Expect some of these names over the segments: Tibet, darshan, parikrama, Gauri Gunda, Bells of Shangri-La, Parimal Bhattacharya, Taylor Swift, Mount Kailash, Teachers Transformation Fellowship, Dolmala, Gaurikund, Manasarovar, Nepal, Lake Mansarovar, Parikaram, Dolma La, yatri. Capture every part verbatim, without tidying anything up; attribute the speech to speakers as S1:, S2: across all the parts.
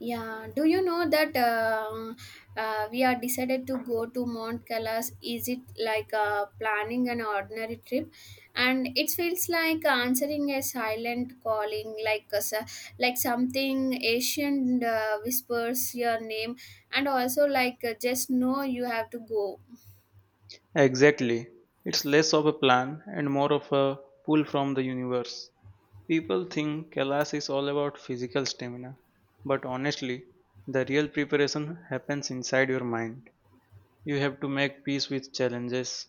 S1: Yeah, do you know that uh, uh, we are decided to go to Mount Kailash? Is it like uh, planning an ordinary trip? And it feels like answering a silent calling, like a, s- like something Asian uh, whispers your name, and also like uh, just know you have to go.
S2: Exactly. It's less of a plan and more of a pull from the universe. People think Kailas is all about physical stamina, but honestly, the real preparation happens inside your mind. You have to make peace with challenges,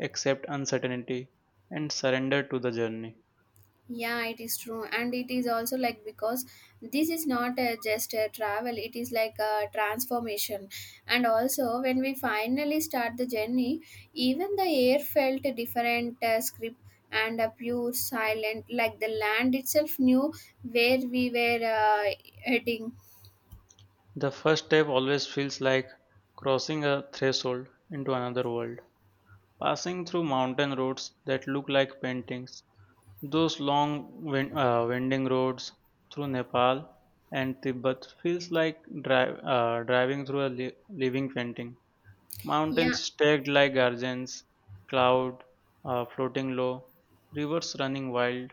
S2: accept uncertainty, and surrender to the journey.
S1: Yeah, it is true, and it is also like because this is not uh, just a travel, it is like a transformation. And also, when we finally start the journey, even the air felt a different uh, script and a pure silent, like the land itself knew where we were uh, heading.
S2: The first step always feels like crossing a threshold into another world. Passing through mountain roads that look like paintings, those long win- uh, winding roads through Nepal and Tibet feels like dri- uh, driving through a li- living painting.
S1: Yeah,
S2: Mountains stacked like gardens, cloud uh, floating low, rivers running wild.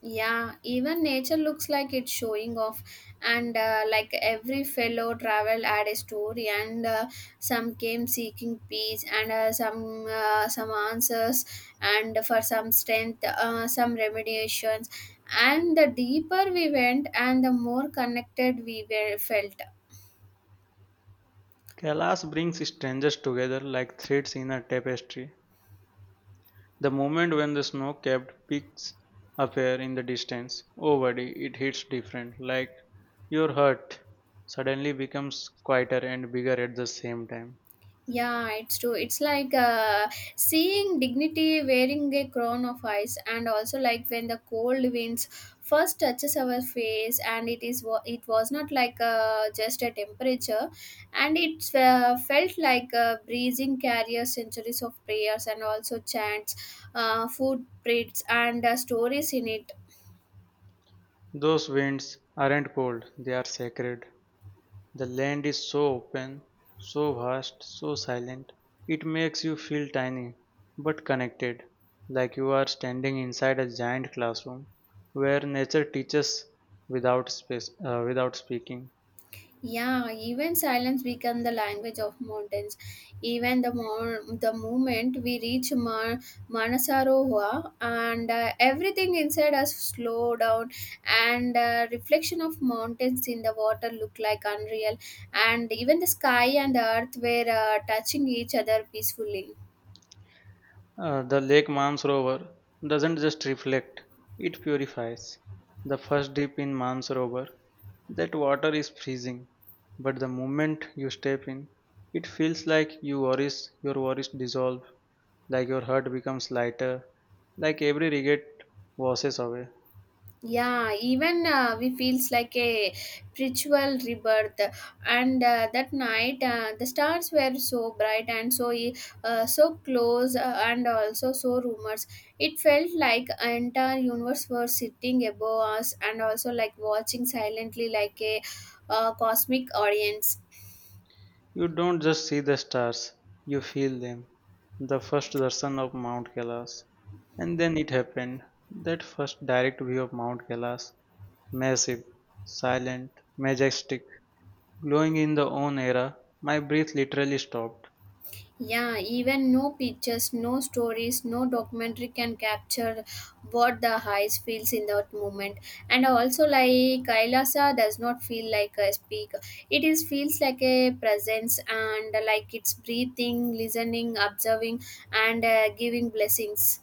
S1: Yeah, even nature looks like it's showing off, and uh, like every fellow travel had a story, and uh, some came seeking peace, and uh, some uh, some answers, and for some strength, uh, some remediations, and the deeper we went, and the more connected we were felt.
S2: Kailas brings strangers together like threads in a tapestry. The moment when the snow-capped peaks appear in the distance, oh buddy, it hits different. Like your heart suddenly becomes quieter and bigger at the same time.
S1: Yeah, it's true. It's like uh, seeing dignity wearing a crown of ice, and also like when the cold winds first touches our face, and it is wa- it was not like uh, just a temperature, and it uh, felt like a breezing carrier centuries of prayers and also chants, uh, footprints and uh, stories in it.
S2: Those winds aren't cold, they are sacred. The land is so open, so vast, so silent. It makes you feel tiny but connected, like you are standing inside a giant classroom where nature teaches without space, uh, without speaking.
S1: Yeah, even silence become the language of mountains. Even the mo- the moment we reach Ma- Manasarovar, and uh, everything inside us slow down, and uh, reflection of mountains in the water look like unreal, and even the sky and the earth were uh, touching each other peacefully.
S2: Uh, the Lake Mansarovar doesn't just reflect, it purifies. The first dip in Mansarovar, that water is freezing, but the moment you step in, it feels like you worries, your worries dissolve, like your heart becomes lighter, like every regret washes away.
S1: Yeah, even uh, we feels like a spiritual rebirth and uh, that night uh, the stars were so bright and so e, uh, so close uh, and also so rumors. It felt like entire universe were sitting above us and also like watching silently like a uh, cosmic audience.
S2: You don't just see the stars, you feel them. The first darshan of Mount Kailash. And then it happened, that first direct view of Mount Kailash. Massive, silent, majestic, glowing in the own era, my breath literally stopped.
S1: Yeah, even no pictures, no stories, no documentary can capture what the highs feels in that moment. And also, like Kailasa does not feel like a speak. It is feels like a presence and like it's breathing, listening, observing, and uh, giving blessings.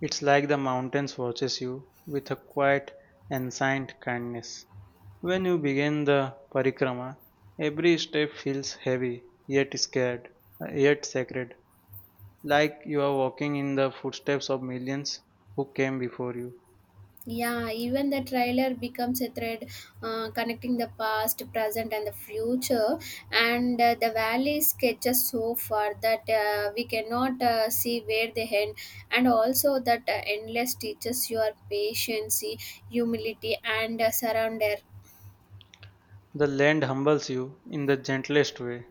S2: It's like the mountains watches you with a quiet, and ancient kindness. When you begin the parikrama, every step feels heavy, yet scared, uh, yet sacred, like you are walking in the footsteps of millions who came before you.
S1: Yeah, even the trailer becomes a thread uh, connecting the past, present, and the future. And uh, the valley sketches so far that uh, we cannot uh, see where they end. And also, that uh, endless teaches your patience, humility, and uh, surrender.
S2: The land humbles you in the gentlest way.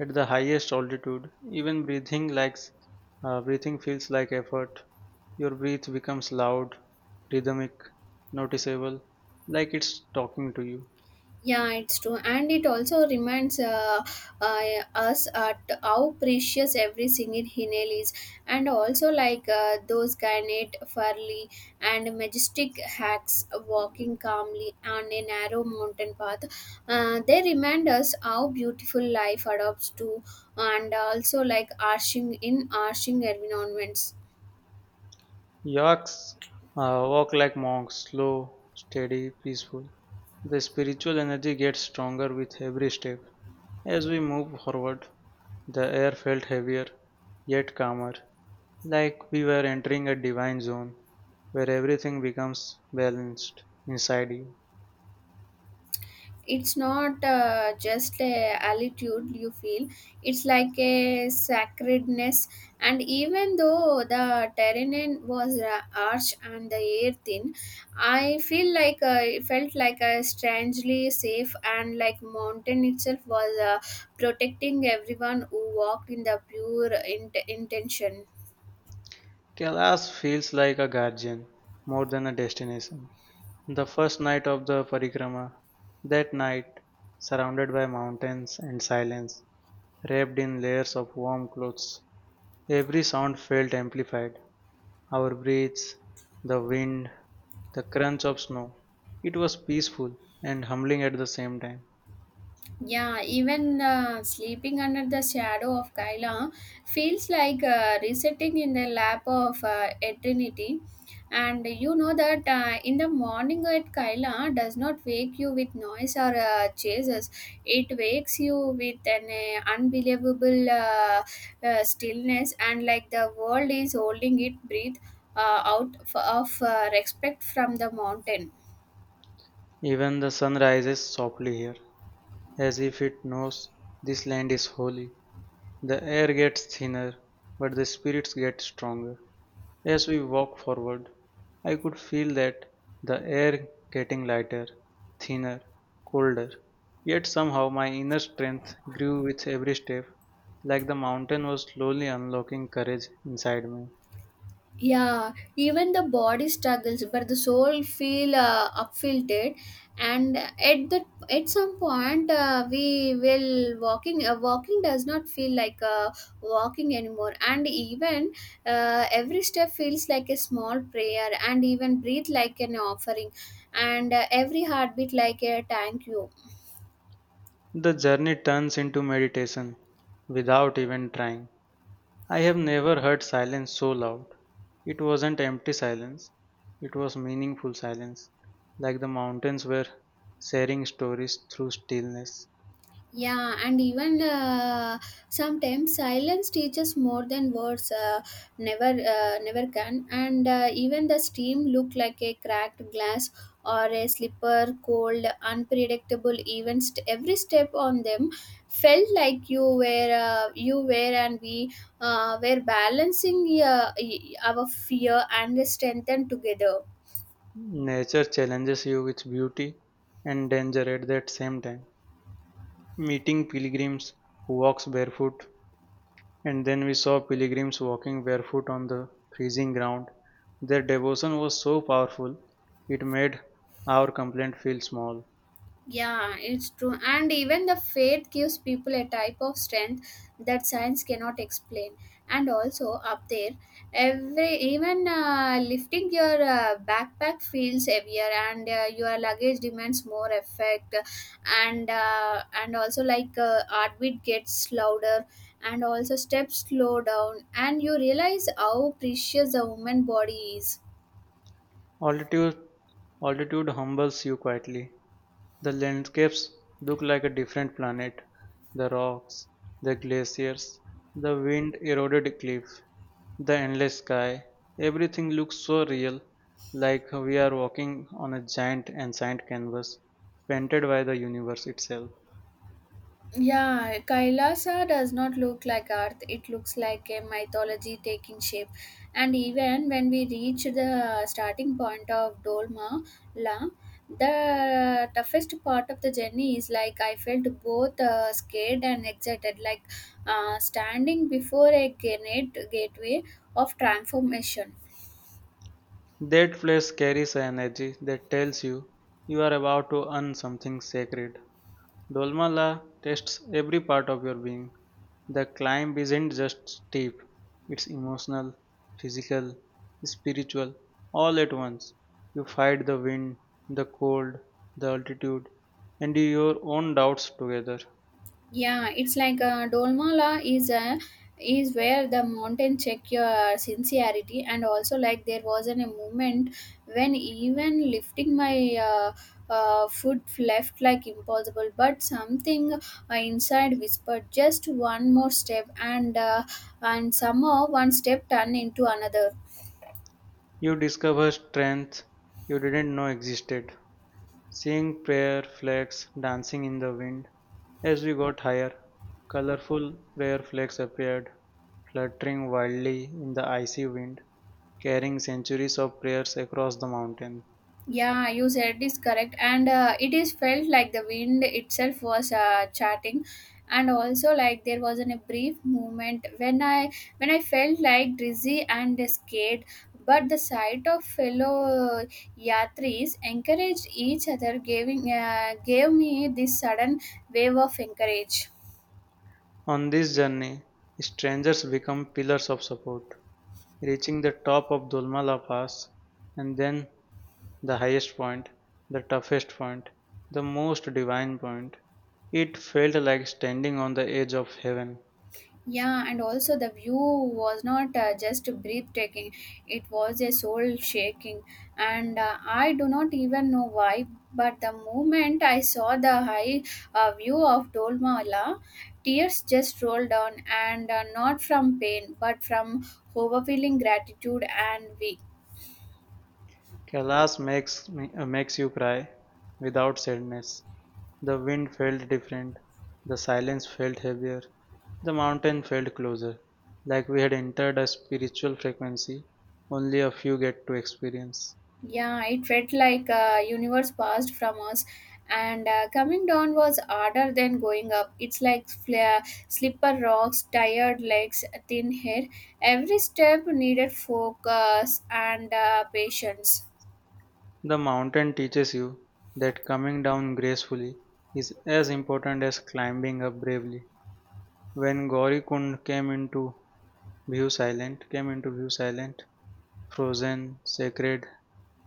S2: At the highest altitude, even breathing likes uh, breathing feels like effort. Your breath becomes loud, rhythmic, noticeable, like it's talking to you.
S1: Yeah, it's true, and it also reminds uh, uh, us at how precious every single inhale is, and also like uh, those garnet, furly, and majestic hacks walking calmly on a narrow mountain path. Uh, they remind us how beautiful life adopts to, and also like arching in arching environments.
S2: Yaks uh, walk like monks, slow, steady, peaceful. The spiritual energy gets stronger with every step. As we move forward, the air felt heavier, yet calmer, like we were entering a divine zone where everything becomes balanced inside you.
S1: It's not uh, just a altitude you feel, it's like a sacredness, and even though the terrain was uh, arch and the air thin, I feel like uh, it felt like a strangely safe and like mountain itself was uh, protecting everyone who walked in the pure int- intention.
S2: Kailas feels like a guardian more than a destination. The first night of the parikrama, that night, surrounded by mountains and silence, wrapped in layers of warm clothes, every sound felt amplified. Our breaths, the wind, the crunch of snow. It was peaceful and humbling at the same time.
S1: Yeah, even uh, sleeping under the shadow of Kaila feels like uh, resetting in the lap of uh, eternity. And you know that uh, in the morning at Kaila does not wake you with noise or uh, chases. It wakes you with an uh, unbelievable uh, uh, stillness and like the world is holding it breathe uh, out f- of uh, respect from the mountain.
S2: Even the sun rises softly here, as if it knows this land is holy. The air gets thinner, but the spirits get stronger. As we walked forward, I could feel that the air getting lighter, thinner, colder. Yet somehow my inner strength grew with every step, like the mountain was slowly unlocking courage inside me.
S1: Yeah, even the body struggles but the soul feel uh, upfiltered, and at the at some point uh, we will walking uh, walking does not feel like uh, walking anymore, and even uh, every step feels like a small prayer and even breathe like an offering and uh, every heartbeat like a thank you.
S2: The journey turns into meditation without even trying. I have never heard silence so loud. It wasn't empty silence, it was meaningful silence, like the mountains were sharing stories through stillness.
S1: Yeah, and even uh, sometimes silence teaches more than words uh, never uh, never can. And uh, even the steam looked like a cracked glass or a slipper, cold, unpredictable. Even st- every step on them felt like you were uh, you were and we uh, were balancing uh, y- our fear and strength together.
S2: Nature challenges you with beauty and danger at that same time. Meeting pilgrims who walks barefoot, and then we saw pilgrims walking barefoot on the freezing ground. Their devotion was so powerful, it made our complaint feel small.
S1: Yeah, it's true. And even the faith gives people a type of strength that science cannot explain. And also up there, every even uh, lifting your uh, backpack feels heavier, and uh, your luggage demands more effect. And uh, and also like uh, heartbeat gets louder, and also steps slow down, and you realize how precious the human body is.
S2: Altitude, altitude humbles you quietly. The landscapes look like a different planet. The rocks, the glaciers, the wind eroded cliff. The endless sky, everything looks so real, like we are walking on a giant and sand canvas painted by the universe itself.
S1: Yeah, Kailasa does not look like Earth. It looks like a mythology taking shape. And even when we reach the starting point of Dolma La, the toughest part of the journey is like I felt both uh, scared and excited, like uh, standing before a gate gateway of transformation.
S2: That place carries an energy that tells you you are about to earn something sacred. Dolmalla tests every part of your being. The climb isn't just steep, it's emotional, physical, spiritual, all at once. You fight the wind, the cold, the altitude, and your own doubts together.
S1: Yeah, it's like uh, Dolmala is a is where the mountain check your sincerity, and also like there was an, a moment when even lifting my uh, uh, foot left like impossible, but something uh, inside whispered just one more step, and uh, and somehow one step turned into another.
S2: You discover strength you didn't know existed. Seeing prayer flags dancing in the wind. As we got higher, colorful prayer flags appeared, fluttering wildly in the icy wind, carrying centuries of prayers across the mountain.
S1: Yeah, you said is correct, and uh, it is felt like the wind itself was uh, chatting, and also like there was an, a brief moment when I when I felt like dizzy and scared, but the sight of fellow yatris encouraged each other, giving uh, gave me this sudden wave of encourage.
S2: On this journey, strangers become pillars of support, reaching the top of Dolmala Pass and then the highest point, the toughest point, the most divine point. It felt like standing on the edge of heaven.
S1: Yeah, and also the view was not uh, just breathtaking, it was a soul shaking. And uh, I do not even know why, but the moment I saw the high uh, view of Dolmala, tears just rolled down, and uh, not from pain, but from overwhelming gratitude and we.
S2: Kailash makes, me, uh, makes you cry without sadness. The wind felt different, the silence felt heavier, the mountain felt closer, like we had entered a spiritual frequency only a few get to experience.
S1: Yeah, it felt like uh, universe passed from us, and uh, coming down was harder than going up. It's like fla- slipper rocks, tired legs, thin hair. Every step needed focus and uh, patience.
S2: The mountain teaches you that coming down gracefully is as important as climbing up bravely. When Gaurikund came into view silent, came into view silent, frozen, sacred,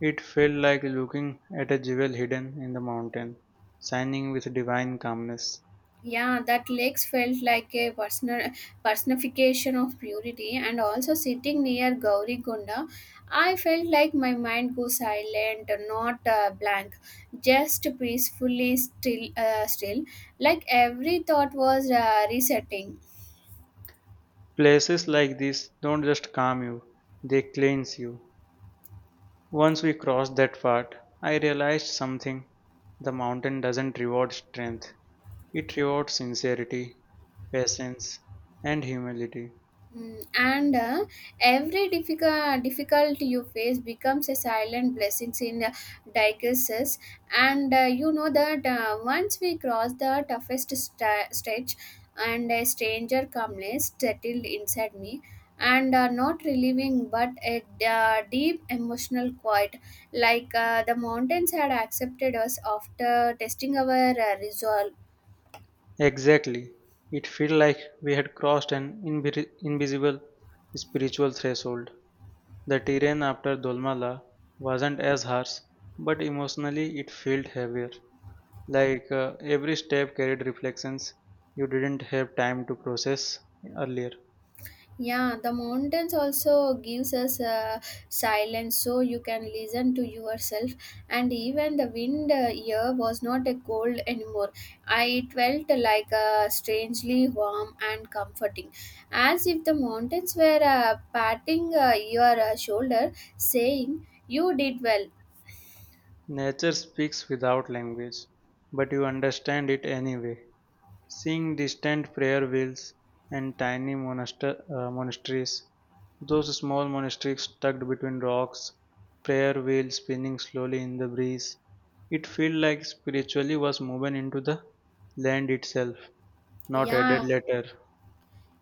S2: it felt like looking at a jewel hidden in the mountain, shining with divine calmness.
S1: Yeah, that legs felt like a personal personification of purity, and also sitting near Gauri Gunda, I felt like my mind goes silent, not uh, blank, just peacefully still, uh, still, like every thought was uh, resetting.
S2: Places like this don't just calm you, they cleanse you. Once we crossed that part, I realized something. The mountain doesn't reward strength, it rewards sincerity, patience, and humility.
S1: Mm, and uh, every difficult difficulty you face becomes a silent blessings in uh, diocese, and uh, you know that uh, once we cross the toughest sta stretch, and a stranger calmness settled inside me, and uh, not relieving but a uh, deep emotional quiet, like uh, the mountains had accepted us after testing our uh, resolve.
S2: Exactly. It felt like we had crossed an invi- invisible spiritual threshold. The terrain after Dolmala wasn't as harsh, but emotionally it felt heavier. Like uh, every step carried reflections you didn't have time to process earlier.
S1: Yeah, the mountains also gives us uh, silence so you can listen to yourself, and even the wind uh, here was not a cold anymore. I It felt like uh, strangely warm and comforting, as if the mountains were uh, patting uh, your uh, shoulder saying you did well.
S2: Nature speaks without language, but you understand it anyway. Seeing distant prayer wheels and tiny monaster- uh, monasteries, those small monasteries tucked between rocks, prayer wheels spinning slowly in the breeze, it felt like spiritually was woven into the land itself, not
S1: Yeah,
S2: added later.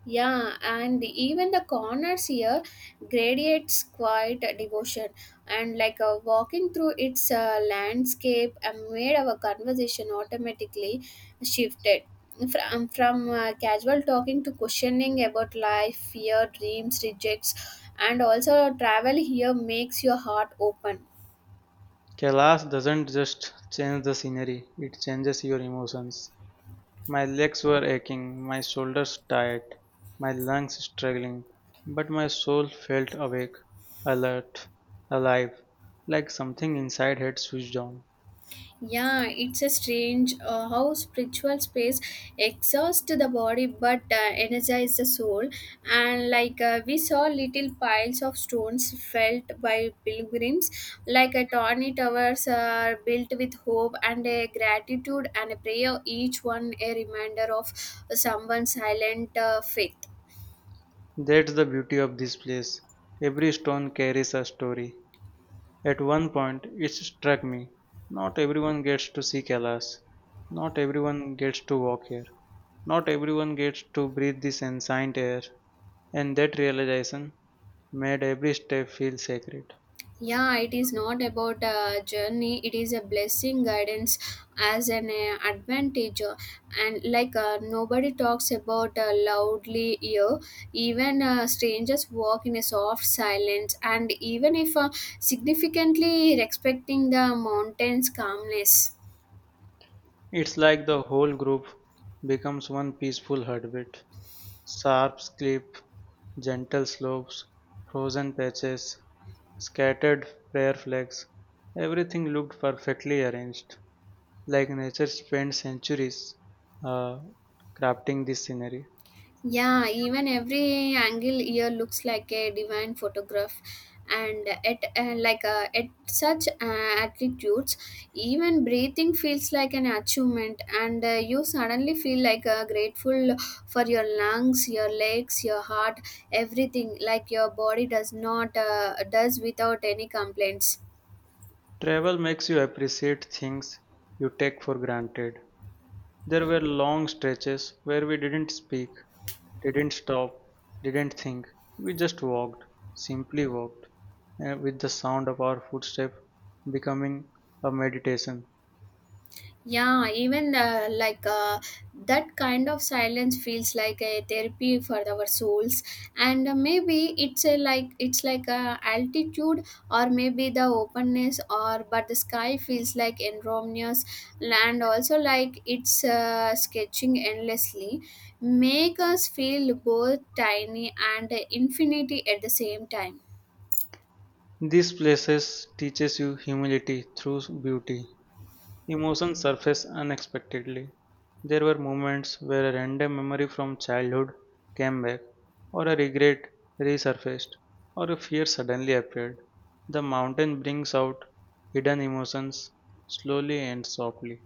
S1: Yeah, and even the corners here gradiates quiet devotion, and like uh, walking through its uh, landscape uh, made our conversation automatically shifted from from uh, casual talking to questioning about life, fear, dreams, rejects, and also travel here makes your heart open.
S2: Kailash doesn't just change the scenery, it changes your emotions. My legs were aching, my shoulders tight, my lungs struggling, but my soul felt awake, alert, alive, like something inside had switched on.
S1: Yeah, it's a strange uh, how spiritual space exhausts the body but uh, energizes the soul. And like uh, we saw little piles of stones felt by pilgrims, like a tawny towers are built with hope and a gratitude and a prayer. Each one a reminder of someone's silent uh, faith.
S2: That's the beauty of this place. Every stone carries a story. At one point, it struck me. Not everyone gets to see Kailash. Not everyone gets to walk here. Not everyone gets to breathe this ancient air, and that realization made every step feel sacred.
S1: Yeah, it is not about a journey, it is a blessing guidance as an uh, advantage, uh, and like uh, nobody talks about uh, loudly here, even uh, strangers walk in a soft silence and even if uh, significantly respecting the mountain's calmness.
S2: It's like the whole group becomes one peaceful heartbeat. Sharp cliff, gentle slopes, frozen patches, scattered prayer flags, everything looked perfectly arranged, like nature spent centuries uh, crafting this scenery.
S1: Yeah, even every angle here looks like a divine photograph, and at uh, like uh, at such uh, altitudes, even breathing feels like an achievement, and uh, you suddenly feel like uh, grateful for your lungs, your legs, your heart, everything. Like your body does not uh, does without any complaints.
S2: Travel makes you appreciate things you take for granted. There were long stretches where we didn't speak. Didn't stop, didn't think. We just walked, simply walked, uh, with the sound of our footsteps becoming a meditation.
S1: Yeah, even uh, like uh, that kind of silence feels like a therapy for our souls, and uh, maybe it's a like it's like a altitude, or maybe the openness, or but the sky feels like enormous, land also like it's uh, sketching endlessly, make us feel both tiny and infinity at the same time.
S2: These places teaches you humility through beauty. Emotions surface unexpectedly. There were moments where a random memory from childhood came back, or a regret resurfaced, or a fear suddenly appeared. The mountain brings out hidden emotions slowly and softly.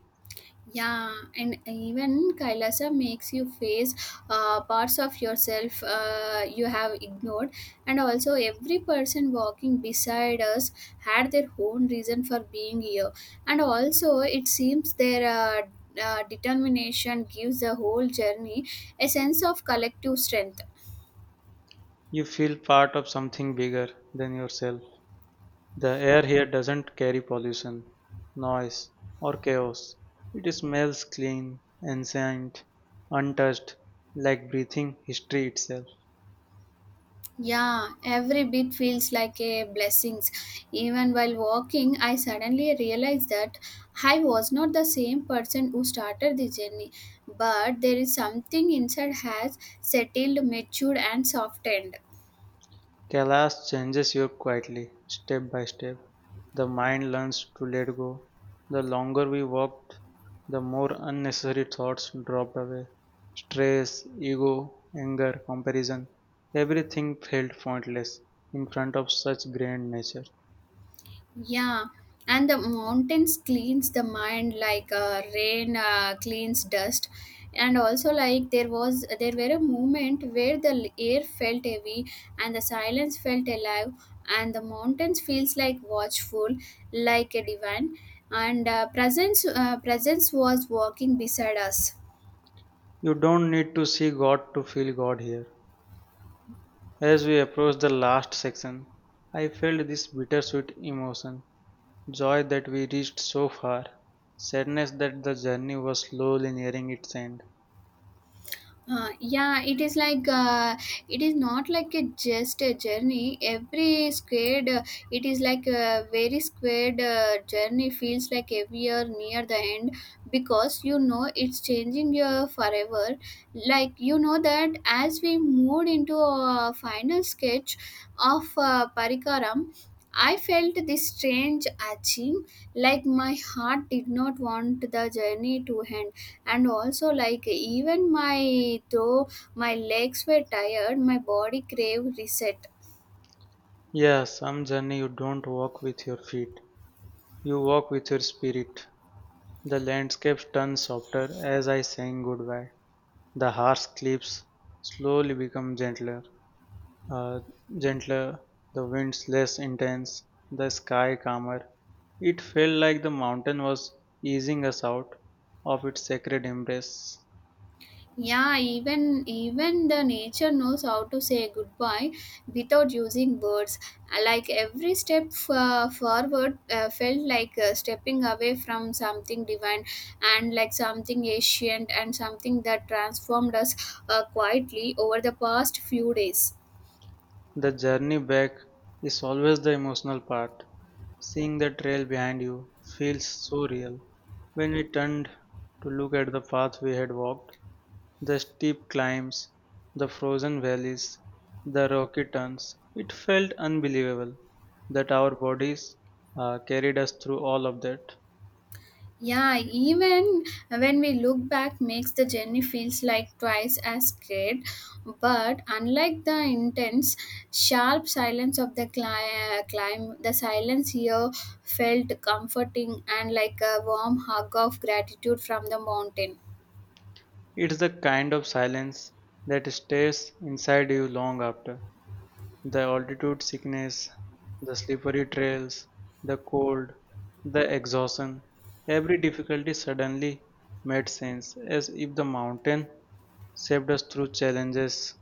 S1: Yeah, and even Kailasa makes you face uh, parts of yourself uh, you have ignored. And also, every person walking beside us had their own reason for being here. And also, it seems their uh, uh, determination gives the whole journey a sense of collective strength.
S2: You feel part of something bigger than yourself. The air here doesn't carry pollution, noise, or chaos. It smells clean, ancient, untouched, like breathing history itself.
S1: Yeah, every bit feels like a blessings. Even while walking, I suddenly realized that I was not the same person who started the journey, but there is something inside has settled, matured, and softened.
S2: Kailash changes you quietly, step by step. The mind learns to let go. The longer we walked, the more unnecessary thoughts dropped away. Stress, ego, anger, comparison, everything felt pointless in front of such grand nature.
S1: Yeah, and the mountains cleans the mind like uh, rain uh, cleans dust, and also like there was there were a moment where the l- air felt heavy and the silence felt alive, and the mountains feels like watchful, like a divine, and uh, presence uh, presence was walking beside us.
S2: You don't need to see God to feel God here. As we approached the last section, I felt this bittersweet emotion. Joy that we reached so far, sadness that the journey was slowly nearing its end.
S1: Uh, yeah, it is like uh, it is not like a just a journey. Every squared, uh, it is like a very squared uh, journey feels like every year near the end because you know it's changing your forever. Like you know that as we moved into a final sketch of uh, Parikaram, I felt this strange aching, like my heart did not want the journey to end, and also like even my though my legs were tired my body craved reset.
S2: Yeah, some journey you don't walk with your feet, you walk with your spirit. The landscapes turn softer as I sang goodbye. The harsh cliffs slowly become gentler, uh, gentler, the winds less intense, the sky calmer. It felt like the mountain was easing us out of its sacred embrace.
S1: Yeah, even even the nature knows how to say goodbye without using words, like every step uh, forward uh, felt like uh, stepping away from something divine and like something ancient and something that transformed us uh, quietly over the past few days.
S2: The journey back is always the emotional part. Seeing the trail behind you feels so real. When we turned to look at the path we had walked, the steep climbs, the frozen valleys, the rocky turns, it felt unbelievable that our bodies uh, carried us through all of that.
S1: Yeah, even when we look back, makes the journey feels like twice as great. But unlike the intense, sharp silence of the cli- uh, climb, the silence here felt comforting and like a warm hug of gratitude from the mountain.
S2: It's the kind of silence that stays inside you long after. The altitude sickness, the slippery trails, the cold, the exhaustion, every difficulty suddenly made sense as if the mountain saved us through challenges.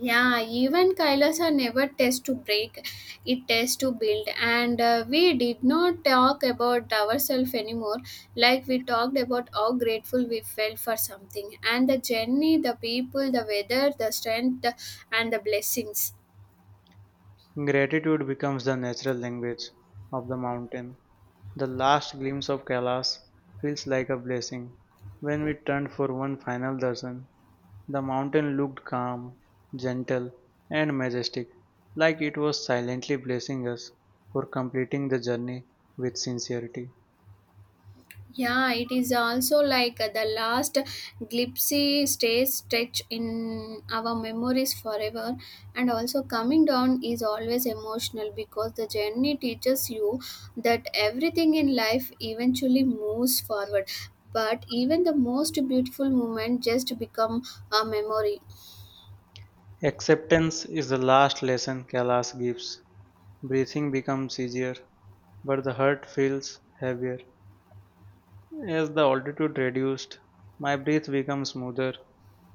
S1: Yeah, even Kailas are never test to break, it tests to build. And uh, we did not talk about ourselves anymore, like we talked about how grateful we felt for something and the journey, the people, the weather, the strength, the, and the blessings.
S2: Gratitude becomes the natural language of the mountain. The last glimpse of Kailas feels like a blessing when we turn for one final darshan. The mountain looked calm, gentle, and majestic, like it was silently blessing us for completing the journey with sincerity.
S1: Yeah, it is also like uh, the last glitzy stays stretch in our memories forever. And also, coming down is always emotional because the journey teaches you that everything in life eventually moves forward. But even the most beautiful moment just become a memory.
S2: Acceptance is the last lesson Kailash gives. Breathing becomes easier, but the heart feels heavier. As the altitude reduced, my breath became smoother,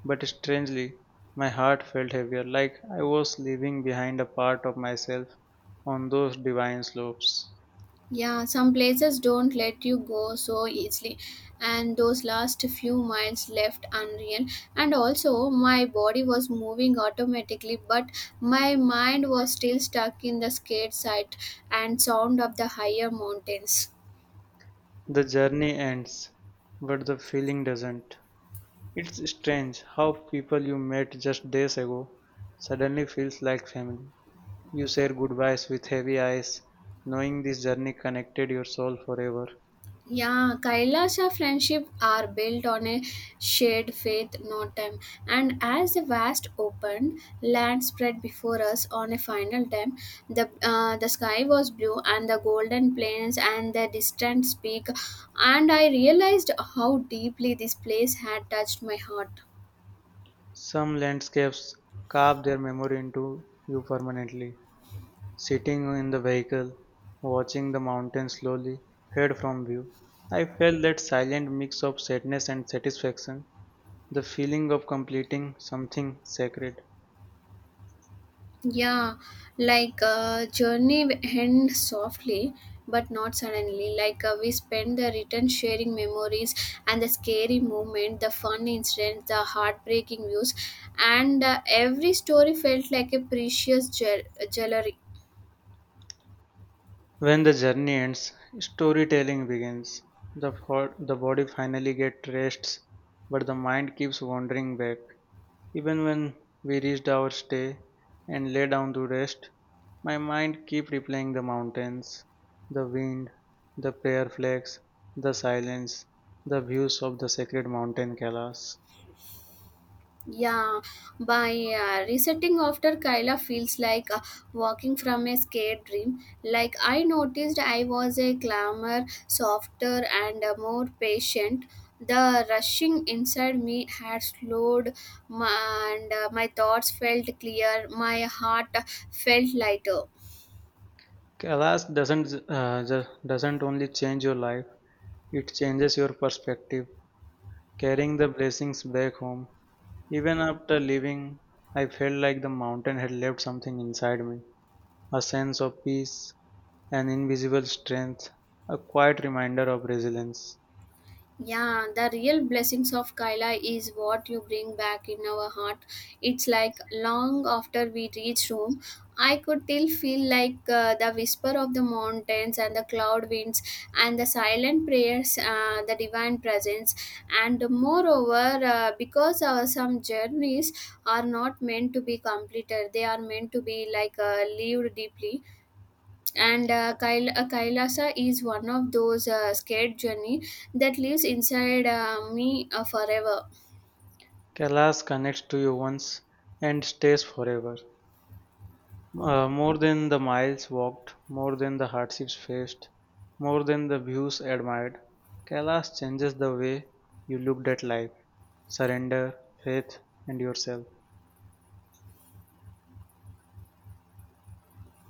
S2: but strangely, my heart felt heavier, like I was leaving behind a part of myself on those divine slopes.
S1: Yeah, some places don't let you go so easily, and those last few miles left unreal. And also, my body was moving automatically, but my mind was still stuck in the scared sight and sound of the higher mountains.
S2: The journey ends, but the feeling doesn't. It's strange how people you met just days ago suddenly feels like family. You share goodbyes with heavy eyes, knowing this journey connected your soul forever.
S1: Yeah, Kailasha friendship are built on a shared faith, not time. And as the vast open land spread before us on a final time, the uh, the sky was blue and the golden plains and the distant peak, and I realized how deeply this place had touched my heart.
S2: Some landscapes carve their memory into you permanently. Sitting in the vehicle, watching the mountains slowly fade from view, I felt that silent mix of sadness and satisfaction, the feeling of completing something sacred.
S1: Yeah, like uh, journey end softly, but not suddenly. Like uh, we spend the return sharing memories and the scary moment, the fun incidents, the heartbreaking views, and uh, every story felt like a precious jewelry.
S2: When the journey ends, storytelling begins. The, fo- the body finally gets rests, but the mind keeps wandering back. Even when we reached our stay and lay down to rest, my mind keep replaying the mountains, the wind, the prayer flags, the silence, the views of the sacred mountain Kailas.
S1: Yeah, by uh, resetting after Kyla feels like uh, walking from a scared dream. Like I noticed, I was a calmer, softer and uh, more patient. The rushing inside me had slowed, my, and uh, my thoughts felt clear. My heart felt lighter.
S2: Kailas doesn't uh, ju- doesn't only change your life; it changes your perspective, carrying the blessings back home. Even after leaving, I felt like the mountain had left something inside me, a sense of peace, an invisible strength, a quiet reminder of resilience.
S1: Yeah, the real blessings of Kaila is what you bring back in our heart. It's like long after we reach home, I could still feel like uh, the whisper of the mountains and the cloud winds and the silent prayers, uh, the divine presence. And moreover, uh, because our some journeys are not meant to be completed, they are meant to be like uh, lived deeply, and uh, Kail- uh, Kailasa is one of those uh, scared journey that lives inside uh, me uh, forever.
S2: Kailash connects to you once and stays forever. Uh, more than the miles walked, more than the hardships faced, more than the views admired, Kailash changes the way you looked at life, surrender, faith, and yourself.